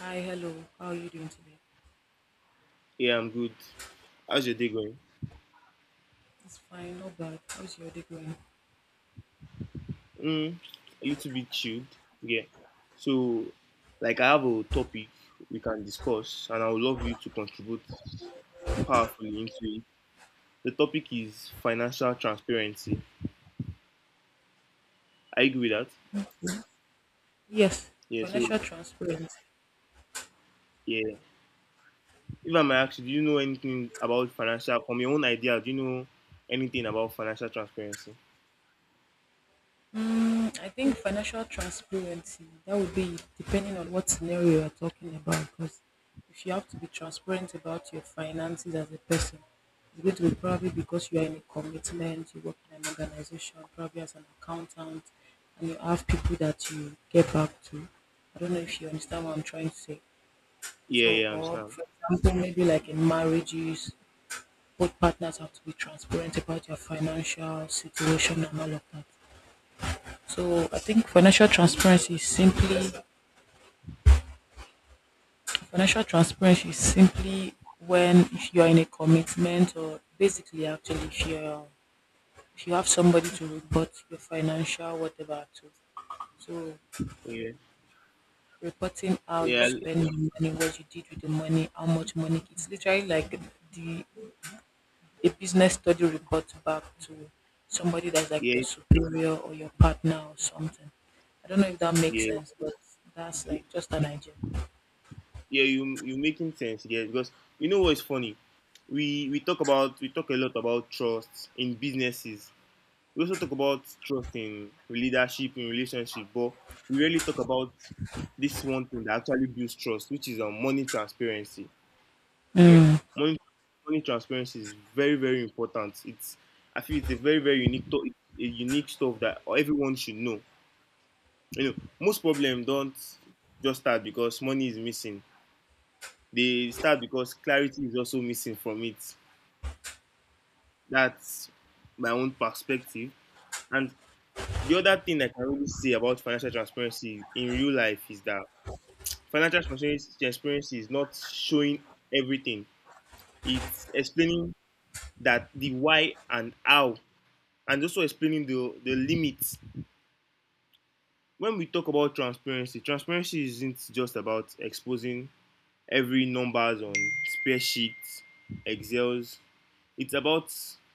Hi, hello. How are you doing today? Yeah, I'm good. How's your day going? It's fine, not bad. How's your day going? Mm, a little bit chilled. Yeah. So, like, I have a topic we can discuss, and I would love you to contribute powerfully into it. The topic is financial transparency. I agree with that. Yes, Yeah. So, financial transparency. yeah. If I may ask you, do you know anything about financial, from your own idea, do you know anything about financial transparency? I think financial transparency, that would be depending on what scenario you're talking about. Because if you have to be transparent about your finances as a person, it's going to be probably because you are in a commitment, you work in an organization, probably as an accountant, and you have people that you get back to. I don't know if you understand what I'm trying to say. Yeah, So, yeah, I or understand. for example, maybe like in marriages, both partners have to be transparent about your financial situation and all of that. So, I think financial transparency is simply when if you are in a commitment or basically actually if you have somebody to report your financial whatever to. So Yeah, reporting how you yeah, spend your money, what you did with the money, how much money. It's literally like the a business study report back to somebody that's like your yeah, superior or your partner or something. I don't know if that makes yeah. sense, but that's like just an idea. Yeah, you making sense here, because you know what is funny. We talk a lot about trust in businesses. We also talk about trust in leadership in relationship, but we really talk about this one thing that actually builds trust, which is money transparency. Yeah, money money transparency is very very important. It's I feel it's a very very unique to- a unique stuff that everyone should know. Most problems don't just start because money is missing. They start because clarity is also missing from it. That's my own perspective. And the other thing I can really say about financial transparency in real life is that financial transparency is not showing everything. It's explaining that the why and how, and also explaining the limits. When we talk about transparency, transparency isn't just about exposing every numbers on spreadsheets, Excels. It's about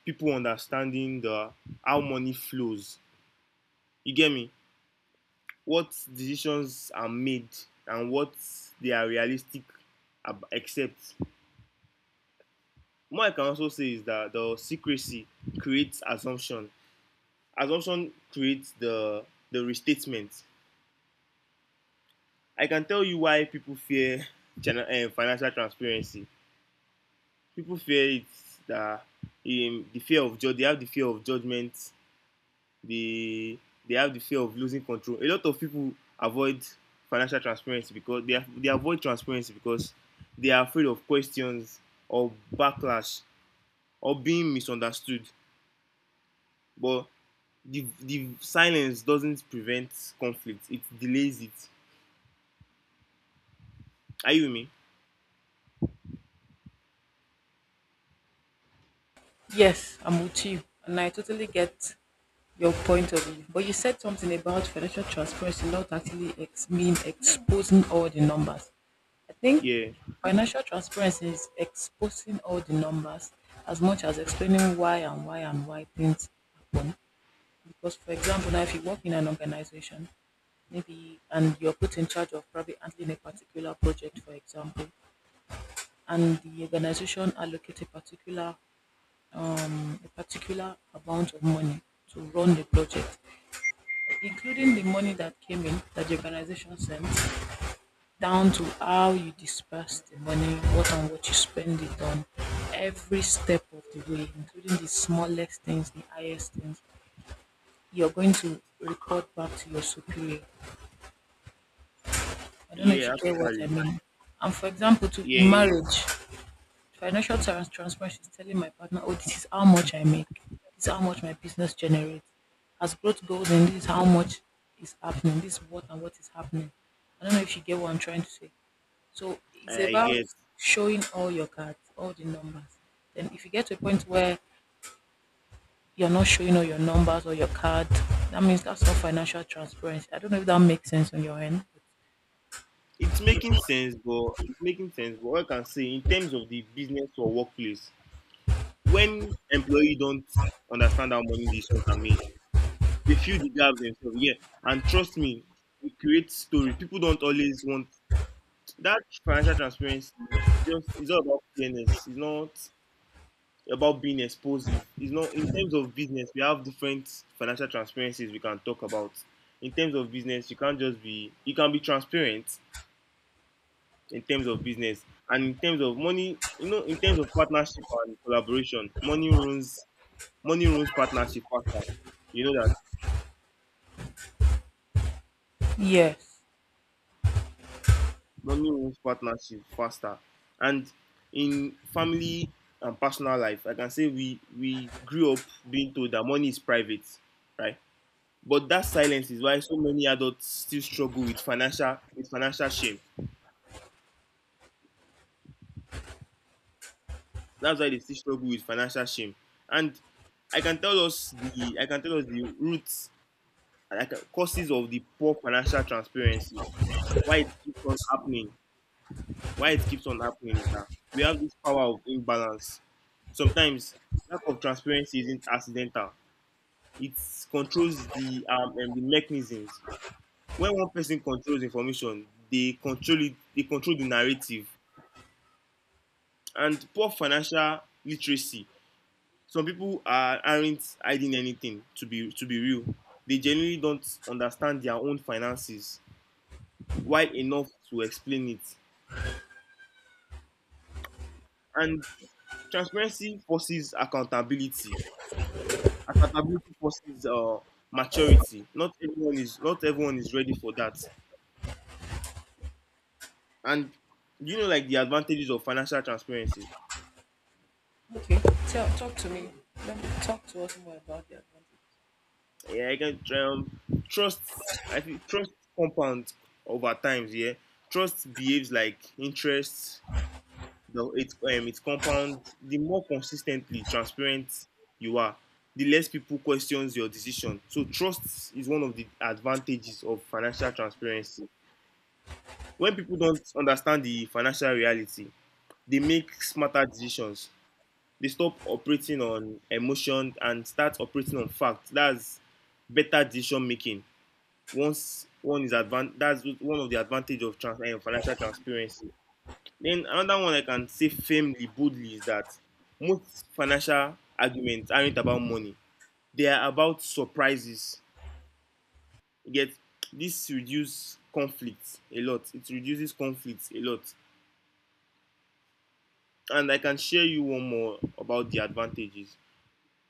people understanding the how money flows. You get me? What decisions are made and what they are realistic. Except, accept. What I can also say is that the secrecy creates assumption. Assumption creates the restatement. I can tell you why people fear financial transparency. People fear it that they have the fear of judgment. They they have the fear of losing control. A lot of people avoid financial transparency because they avoid transparency because they are afraid of questions or backlash or being misunderstood. But the silence doesn't prevent conflict, it delays it. Are you with me? Yes, I'm with you, and I totally get your point of view. But you said something about financial transparency not actually mean exposing all the numbers. I think Yeah. financial transparency is exposing all the numbers as much as explaining why and why and why things happen. Because, for example, now if you work in an organization, maybe, and you're put in charge of probably handling a particular project, for example, and the organization allocate a particular amount of money to run the project, including the Mm-hmm. money that came in that the organization sent, down to how you disperse the money, what and what you spend it on, every step of the way, including the smallest things, the highest things, you're going to report back to your superior. I don't know Yeah, if you get what I actually. mean. And for example, to Yeah, in yeah. marriage, financial transparency is telling my partner, oh, this is how much I make, this is how much my business generates. As growth goes and this is how much is happening, this is what and what is happening. I don't know if you get what I'm trying to say. So i it's I about get. showing all your cards, all the numbers. Then if you get to a point where you're not showing all your numbers or your card, that means that's not financial transparency. I don't know if that makes sense on your end. It's making sense, but it's making sense. But what I can say in terms of the business or workplace, when employee don't understand how money decisions are made, they fill the gaps themselves. Yeah, and trust me, we create story. People don't always want that financial transparency. It's all about fairness. It's not about being explosive. It's not in terms of business. We have different financial transparencies we can talk about. In terms of business, you can't just be, you can be transparent in terms of business, and in terms of money, in terms of partnership and collaboration, money runs partnership faster, you know that. But yes. Money runs partnership faster. And in family and personal life, I can say we grew up being told that money is private, right? But that silence is why so many adults still struggle with financial shame. That's why they still struggle with financial shame. And I can tell us the I can tell us the roots, like causes of the poor financial transparency, why it keeps on happening. Why it keeps on happening is that we have this power of imbalance. Sometimes lack of transparency isn't accidental. It controls the mechanisms. When one person controls information, they control it. They control the narrative and poor financial literacy. Some people aren't hiding anything. To be real, they genuinely don't understand their own finances wide enough to explain it. And transparency forces accountability. Accountability forces maturity. Not everyone is ready for that. And like the advantages of financial transparency. Okay, tell talk to me. Let me talk to us more about the Yeah, I can trust. I feel trust compounds over times. Yeah, trust behaves like interest. No, it compounds. The more consistently transparent you are, the less people questions your decision. So trust is one of the advantages of financial transparency. When people don't understand the financial reality, they make smarter decisions. They stop operating on emotion and start operating on facts. That's better decision making. Once one is advan- That's one of the advantage of financial transparency. Then another one I can say firmly, boldly is that most financial arguments aren't about money. They are about surprises. Yet this reduces conflict a lot. It reduces conflict a lot. And I can share you one more about the advantages.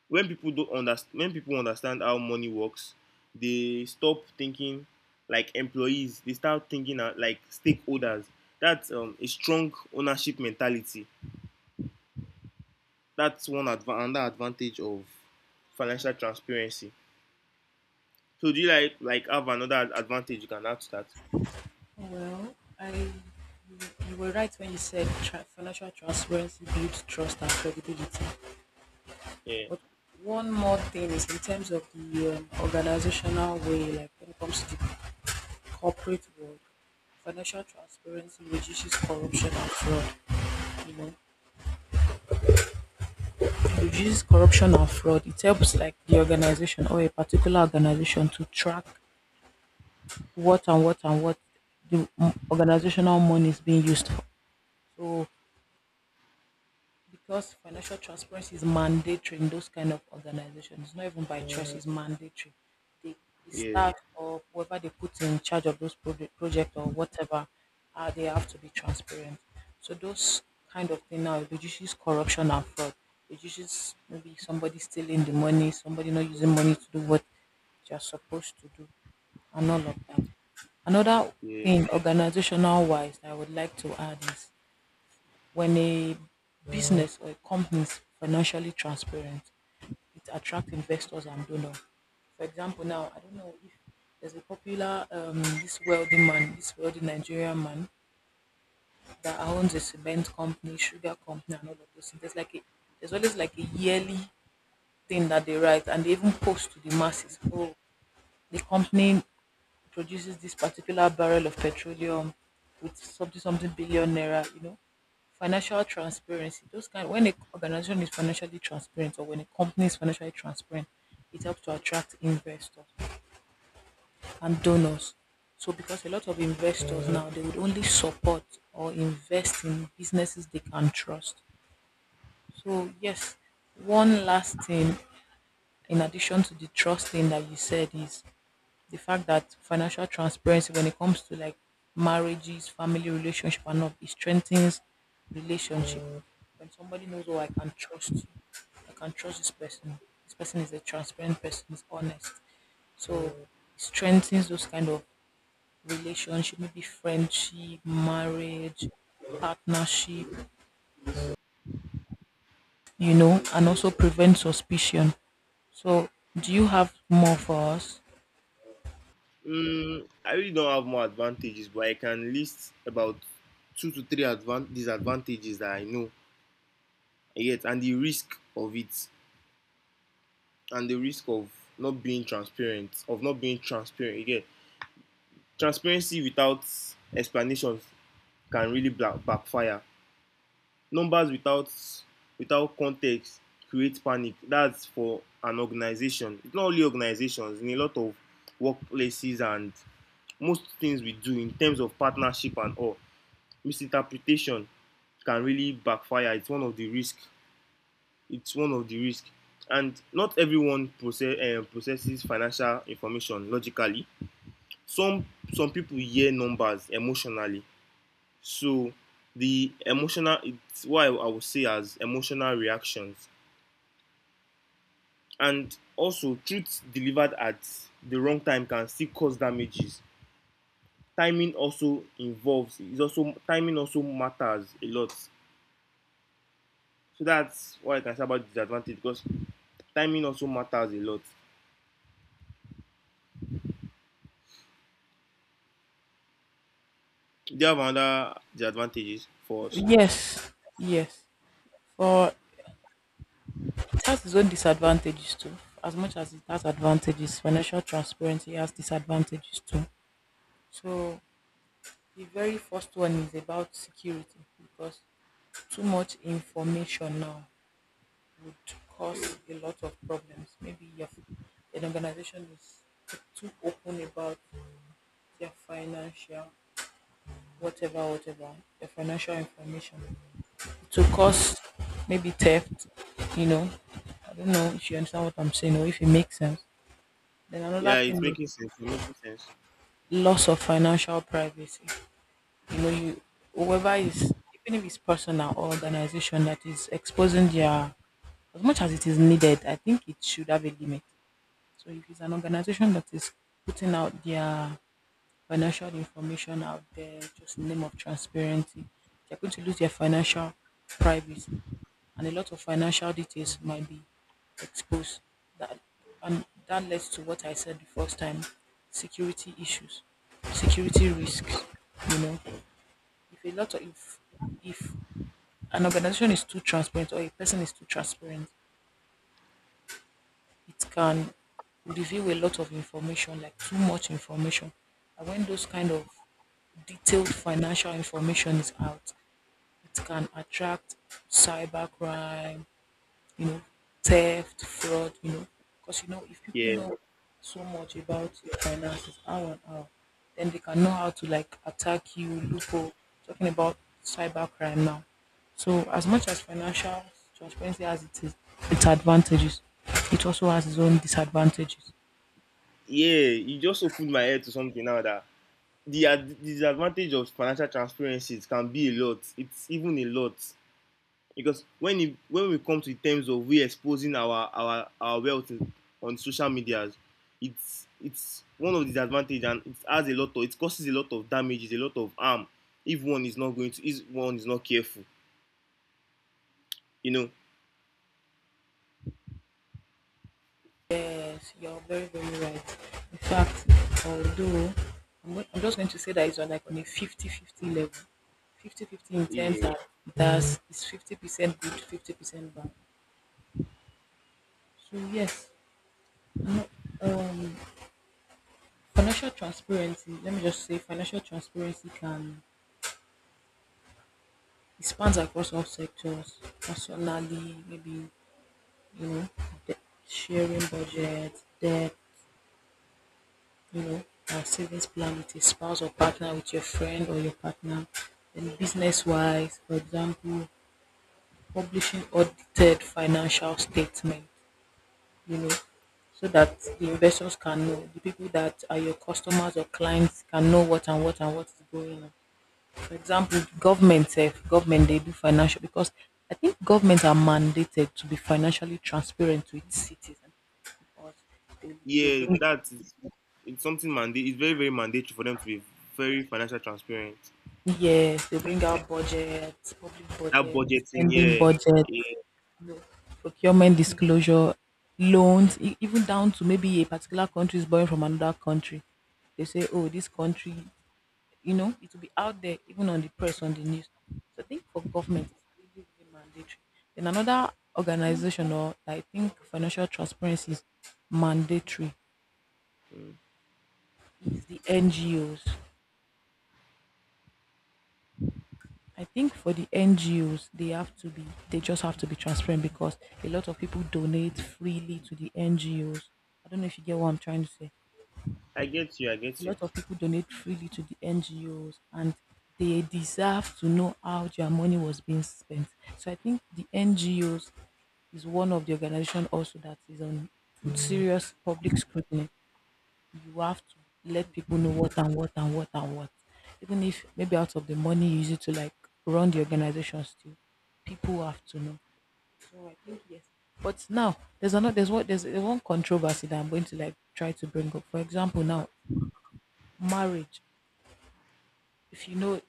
When people don't understand, when people understand how money works, they stop thinking like employees. They start thinking like stakeholders. That's a strong ownership mentality. That's one adv another advantage of financial transparency. So do you like have another advantage you can add to that? advantage. Well, you were right when you said financial transparency builds trust and credibility. Yeah, But one more thing is in terms of the organizational way, like when it comes to the corporate world, financial transparency reduces corruption and fraud. You know, it reduces corruption and fraud. It helps like the organization or a particular organization to track what and what and what the organizational money is being used for. So because financial transparency is mandatory in those kind of organizations. It's not even by choice; it's mandatory. The, the yeah, staff or whoever they put in charge of those project or whatever, they have to be transparent. So those kind of thing now reduces corruption and fraud. Reduces maybe somebody stealing the money, somebody not using money to do what they're supposed to do, and all of that. Another yeah. thing, organizational wise, I would like to add is when a business or a company is financially transparent, it attracts investors and donors. For example, now I don't know if there's a popular this wealthy man, this wealthy Nigerian man that owns a cement company, sugar company, and all of those things. There's always like a yearly thing that they write and they even post to the masses. Oh, the company produces this particular barrel of petroleum with something something billion naira. Financial transparency. Those kind when a organization is financially transparent or when a company is financially transparent, it helps to attract investors and donors. So because a lot of investors now they would only support or invest in businesses they can trust. So yes, one last thing in addition to the trust thing that you said is the fact that financial transparency when it comes to like marriages, family relationship and all, it strengthens relationship. When somebody knows, oh, I can trust you, I can trust this person. This person is a transparent person, is honest. So it strengthens those kind of relationship, maybe friendship, marriage, partnership, and also prevent suspicion. So do you have more for us? I really don't have more advantages, but I can list about two to three disadvantages that I know yet, and the risk of it, and the risk of not being transparent, of not being transparent again. Transparency without explanation can really backfire. Numbers without context create panic. That's for an organization. It's not only organizations. In a lot of workplaces and most things we do in terms of partnership and all, misinterpretation can really backfire. It's one of the risks. It's one of the risks. And not everyone processes financial information logically. Some some people hear numbers emotionally. So the emotional it's what I would say as emotional reactions. And also, truth delivered at the wrong time can still cause damages. Timing also involves is also timing also matters a lot. So that's why I can say about disadvantage, because timing also matters a lot. Do you have another disadvantages for us? Yes, yes. For It has its own disadvantages too, as much as it has advantages. Financial transparency has disadvantages too. So the very first one is about security because too much information now would cause a lot of problems. Maybe your an organization is too open about their financial whatever their financial information to cause maybe theft you know I don't know if you understand what I'm saying or if it makes sense. Then another Yeah, thing it's is making sense. It's making sense. loss of financial privacy. You know, you whoever is, even if it's personal or organization that is exposing their as much as it is needed, I think it should have a limit. So if it's an organization that is putting out their financial information out there just in the name of transparency. They're going to lose their financial privacy and a lot of financial details might be exposed. That that leads to what I said the first time, security issues, security risks. You know, if a lot of if an organization is too transparent or a person is too transparent, it can reveal a lot of information, like too much information. And when those kind of detailed financial information is out, it can attract cybercrime, you know, theft, fraud. Because, if people Yeah, know so much about your finances, how and how, then they can know how to like attack you, loophole, talking about cybercrime now. So, as much as financial transparency has its advantages, it also has its own disadvantages. yeah. You just opened my head to something now that the disadvantage of financial transparencies can be a lot. It's even a lot. Because when we come to the terms of we exposing our wealth on social media, it's one of the disadvantages, and it causes a lot of damages, a lot of harm, if one is not going to, if one is not careful. You know, Yes, you're very, very right. In fact, although I'm just going to say that it's on, like, on a 50-50 level. 50-fifty, 50, in terms yeah, that that's it's 50% good, 50% bad. So yes, I'm not, um, financial transparency, let me just say financial transparency can, it spans across all sectors, personally, maybe, you know, de- sharing budget, debt, you know, a savings plan with a spouse or partner, with your friend or your partner. Then business wise, for example, publishing audited financial statement, you know, so that the investors can know, the people that are your customers or clients can know what and what and what is going on. For example, government, sef, government they do financial because I think governments are mandated to be financially transparent to its citizens, or they yeah, bring. that is it's something mandate. It's very very mandatory for them to be very financial transparent. Yes, they bring out budgets, public That budget, budgeting, spending yeah, budget, yeah, you know, procurement disclosure, loans, even down to maybe a particular country is borrowing from another country. They say, oh, this country, it will be out there, even on the press, on the news. So I think for government, it's really, really mandatory. Then another organization, or I think financial transparency is mandatory, is the NGOs. I think for the NGOs, they have to be, they just have to be transparent because a lot of people donate freely to the NGOs. I don't know if you get what I'm trying to say. I get you, I A get you. lot of people donate freely to the NGOs and they deserve to know how their money was being spent. So I think the NGOs is one of the organization also that is on serious public scrutiny. You have to let people know what and what and what and what. Even if maybe out of the money you use it to like run the organization still, people have to know. So I think yes. But now there's another there's what there's one controversy that I'm going to like try to bring up. For example, now marriage. If you know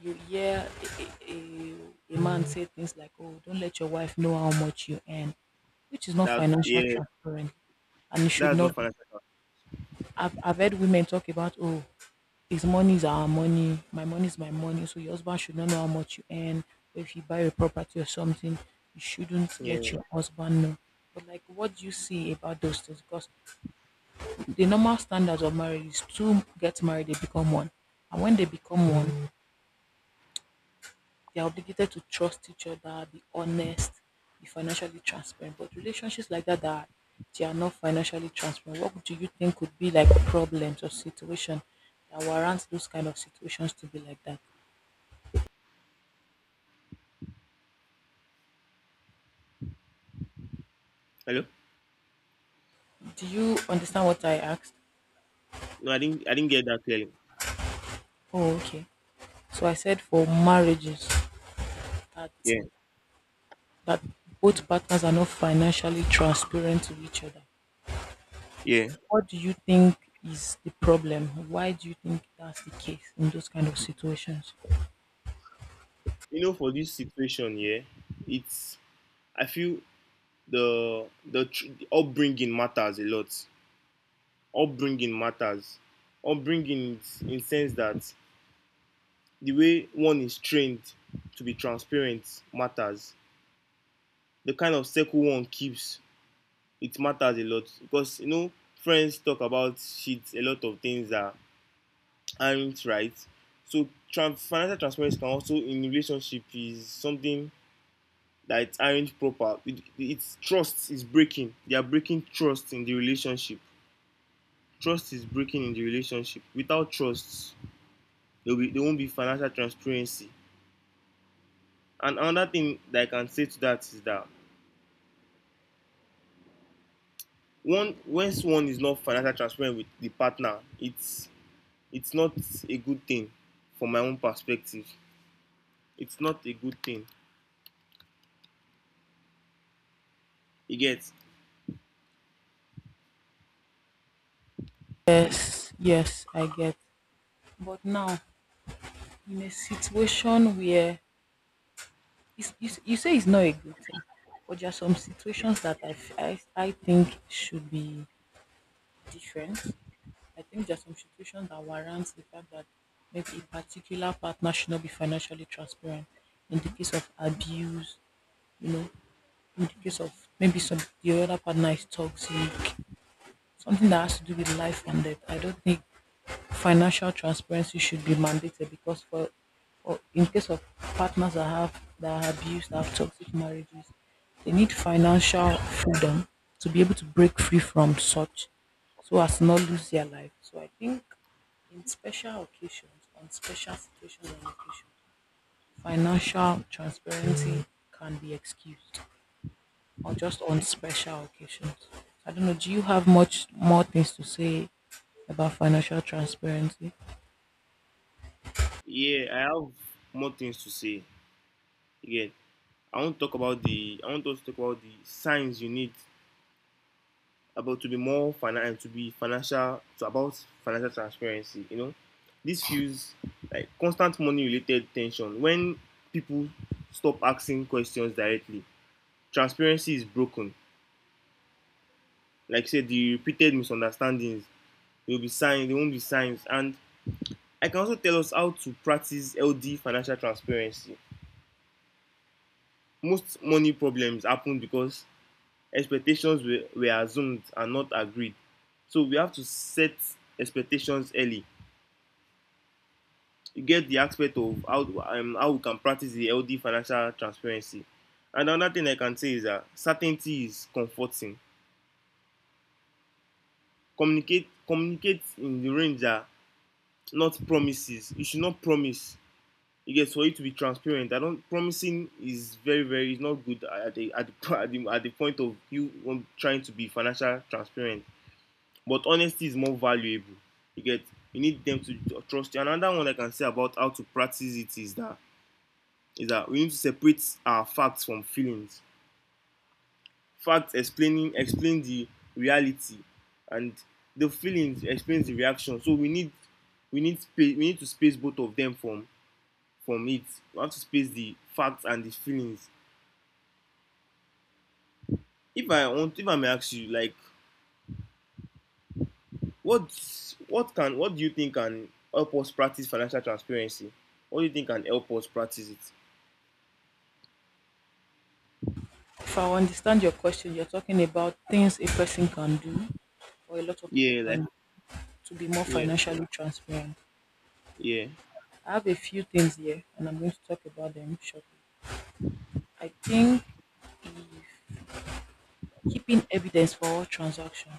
you hear a man say things like, "Oh, don't let your wife know how much you earn," which is not That financial yeah, transparent, and it should that's not not be. financial. I've heard women talk about, "Oh, his money is our money. My money is my money. So your husband should not know how much you earn. So if you buy a property or something, you shouldn't let Yeah, your husband know." But like, what do you see about those things? Because the normal standards of marriage is two get married, they become one, and when they become one, they are obligated to trust each other, be honest, be financially transparent. But relationships like that they are not financially transparent. What do you think could be like problems or situation that warrant those kind of situations to be like that? hello. Do you understand what I asked? No, I didn't get that clearly. Oh, okay. So I said for marriages that Yeah, that both partners are not financially transparent to each other. yeah. What do you think is the problem? Why do you think that's the case in those kind of situations? For this situation, yeah, it's I feel the upbringing matters a lot. Upbringing matters. Upbringing in sense that the way one is trained to be transparent matters. The kind of circle one keeps, it matters a lot, because friends talk about shit, a lot of things that aren't right. So financial transparency can also in relationship is something that it aren't proper. It's trust is breaking. They are breaking trust in the relationship. Trust is breaking in the relationship. Without trust, there won't be financial transparency. And another thing that I can say to that is that one once one is not financial transparent with the partner, it's not a good thing from my own perspective. It's not a good thing. You get. Yes, yes, I get. But now in a situation where it's, you say it's not a good thing, but there are some situations that I, f- I think should be different. I think there are some situations that warrants the fact that maybe a particular partner should not be financially transparent in the case of abuse, you know, in the case of maybe some the other partner is toxic, something that has to do with life and death. I don't think financial transparency should be mandated because for in case of partners that are abused, that have toxic marriages, they need financial freedom to be able to break free from such so as to not lose their life. So I think in special occasions, on special situations and occasions, financial transparency can be excused or just on special occasions. I don't know, do you have much more things to say about financial transparency? Yeah, I have more things to say. Again, I want us to talk about the signs you need about to be more financial to be financial to about financial transparency. This fuels like constant money related tension. When people stop asking questions directly, transparency is broken. Like I said, the repeated misunderstandings will be signs They won't be signs. And I can also tell us how to practice LD financial transparency. Most money problems happen because expectations were assumed and not agreed. So we have to set expectations early. You get the aspect of how we can practice the healthy financial transparency. And another thing I can say is that certainty is comforting. Communicate in the range that not promises. You should not promise. You get, for you to be transparent. I don't. Promising is very very is not good at the point of you trying to be financial transparent. But honesty is more valuable. You get, you need them to trust you. Another one I can say about how to practice it is that we need to separate our facts from feelings. Facts explain the reality, and the feelings explains the reaction. So we need to space both of them from it. We have to space the facts and the feelings. If I may ask you, like, what do you think can help us practice financial transparency? What do you think can help us practice it? If I understand your question, you're talking about things a person can do or a lot of people Yeah, can like, do to be more yeah, financially transparent. yeah. I have a few things here and I'm going to talk about them shortly. I think if keeping evidence for all transactions,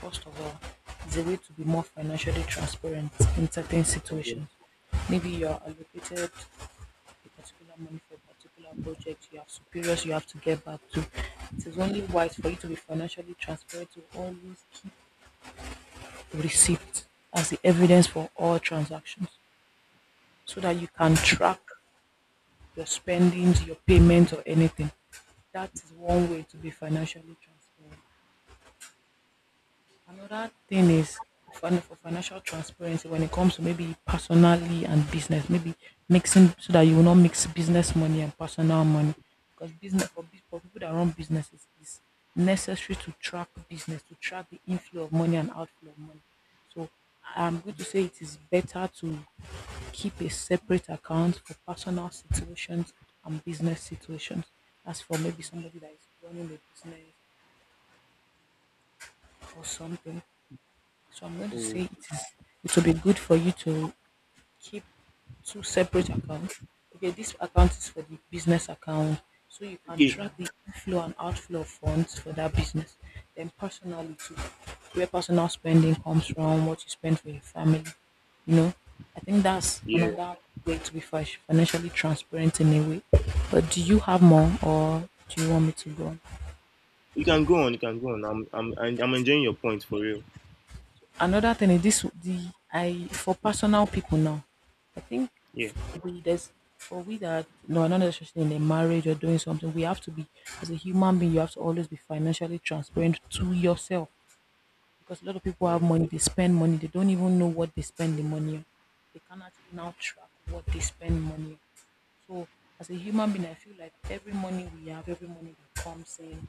first of all, is a way to be more financially transparent in certain Yeah. situations. Maybe you're allocated a particular money for a particular project, you have superiors you have to get back to. It is only wise for you to be financially transparent to always keep receipts as the evidence for all transactions so that you can track your spendings, your payments, or anything. That is one way to be financially transparent. Another thing is for financial transparency when it comes to maybe personally and business, maybe mixing so that you will not mix business money and personal money. Because for people that run businesses is necessary to track business, to track the inflow of money and outflow of money. So I'm going to say it is better to keep a separate account for personal situations and business situations. As for maybe somebody that is running a business or something, so I'm going to Oh, say it will be good for you to keep two separate accounts. Okay, this account is for the business account. So you can okay. track the inflow and outflow of funds for that business. Then personally too, where personal spending comes from, what you spend for your family. You know, I think that's Yeah. another way to be financially transparent in a way. But do you have more or do you want me to go on? You can go on. You can go on. I'm enjoying your point for real. Another thing is this the I for personal people now. I think Yeah. We there's for we that no not necessarily in a marriage or doing something, we have to be as a human being, you have to always be financially transparent to yourself. Because a lot of people have Mm. money, they spend money, they don't even know what they spend the money on. They can actually now track what they spend money on. So as a human being, I feel like every money we have, every money that comes in,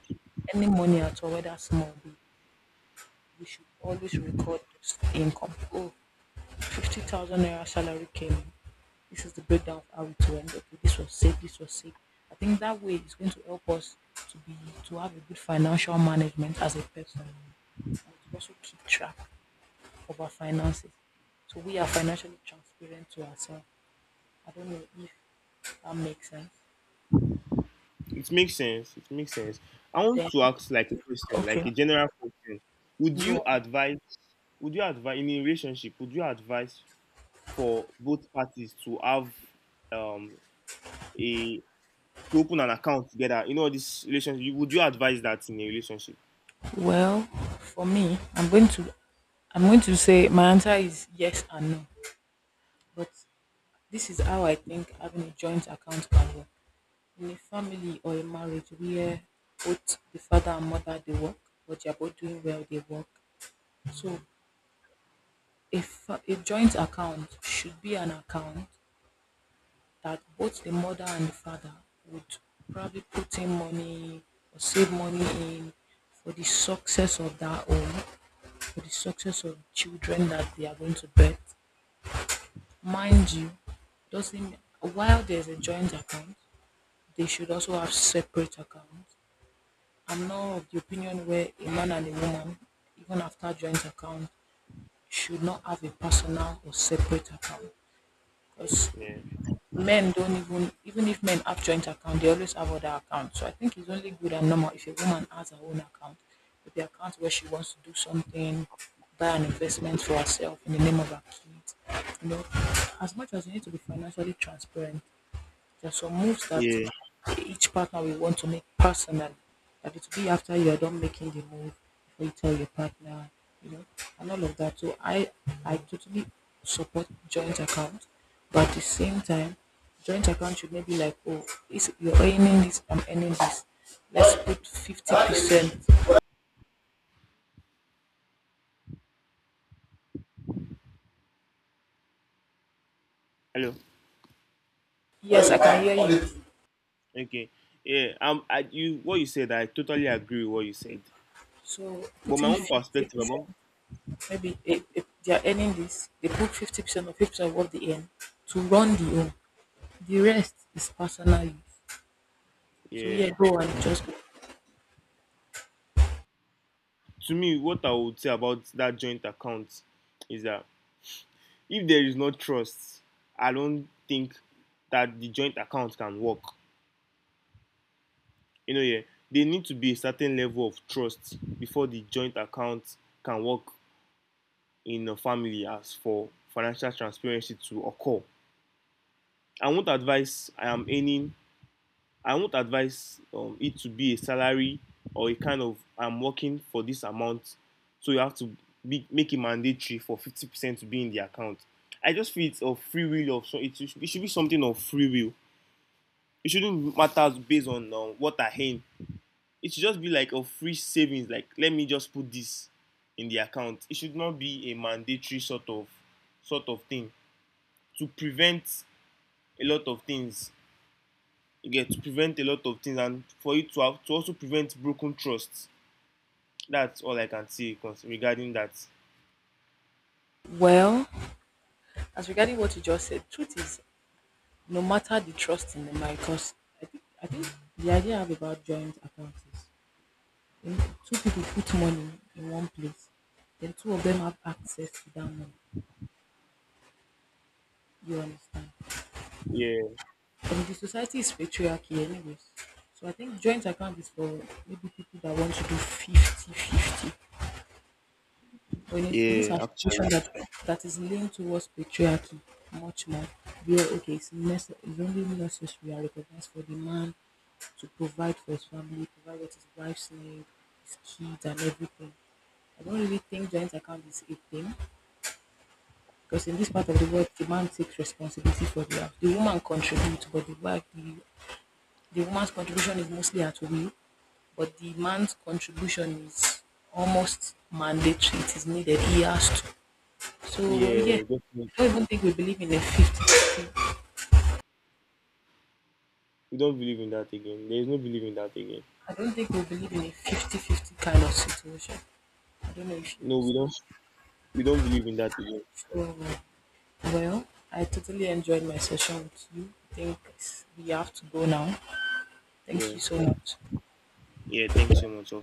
any money at all, whether small or big, we should always record those income. Oh, 50,000 naira salary came in. This is the breakdown of how it went. Okay, this was saved, this was saved. I think that way is going to help us to be to have a good financial management as a person and to also keep track of our finances. So we are financially transparent to ourselves. I don't know if that makes sense. It makes sense. It makes sense. I want Then to ask like a question, okay. like a general question. Would Go you on. advise? Would you advise in a relationship? Would you advise for both parties to have um a to open an account together? You know this relationship. Would you advise that in a relationship? Well, for me, I'm going to say my answer is yes and no. But this is how I think having a joint account can work. In a family or a marriage where both the father and mother they work, but they are both doing well, they work. So a, fa- a joint account should be an account that both the mother and the father would probably put in money or save money in for the success of that home, for the success of children that they are going to birth. Mind you, doesn't while there's a joint account, they should also have separate accounts. I'm not of the opinion where a man and a woman, even after joint account, should not have a personal or separate account. Because Yeah. men don't even, even if men have joint account, they always have other accounts. So I think it's only good and normal if a woman has her own account, with the account where she wants to do something, buy an investment for herself in the name of her kids. You know, as much as you need to be financially transparent, there are some moves that Yeah. each partner will want to make personally. That it will be after you are done making the move before you tell your partner, you know, and all of that. So I totally support joint account, but at the same time, joint account should maybe like, oh, is you're earning this, I'm earning this. Let's put 50%. Hello. Yes, I can hear you. Okay. Yeah. I, you. What you said. I totally agree with what you said. So But my putting own fifty perspective. percent, About, maybe if they are earning this, they put 50% or 50% of what they earn to run the home. The rest is personal use. So yeah. yeah, go and just go. To me, what I would say about that joint account is that if there is no trust, I don't think that the joint account can work. Yeah, there need to be a certain level of trust before the joint account can work in a family as for financial transparency to occur. I won't advise I am any I won't advise it to be a salary, or a kind of I'm working for this amount, so you have to make it mandatory for 50% to be in the account. I just feel it's of free will of so it should be something of free will. It shouldn't matter based on what I earn. It should just be like a free savings. Like let me just put this in the account. It should not be a mandatory sort of thing to prevent a lot of things, you to prevent a lot of things and for it to have to also prevent broken trust. That's all I can say regarding that. Well, as regarding what you just said, truth is no matter the trust in the marriage, because I think the idea I have about joint accounts is when two people put money in one place, then two of them have access to that money. You understand? Yeah. And the society is patriarchy anyways. So I think joint account is for maybe people that want to do fifty fifty. When it's this Yeah, our situation actually. that that is leaning towards patriarchy much more, where okay, it's, nece- it's only necessary and recognized for the man to provide for his family, provide what his wife's need, his kids, and everything. I don't really think joint account is a thing because in this part of the world, the man takes responsibility for the house. The woman contributes, but the woman's contribution is mostly at will, but the man's contribution is almost mandatory. It is needed. He has to. So, well, yeah, Yeah, definitely. I don't even think we believe in a 50. We don't believe in that again. There is no belief in that again. I don't think we believe in a fifty-fifty kind of situation. I don't know if you No, understand. We don't believe in that again. So, well, I totally enjoyed my session with you. I think we have to go now. Thank Yeah. you so much. Yeah, thanks so much.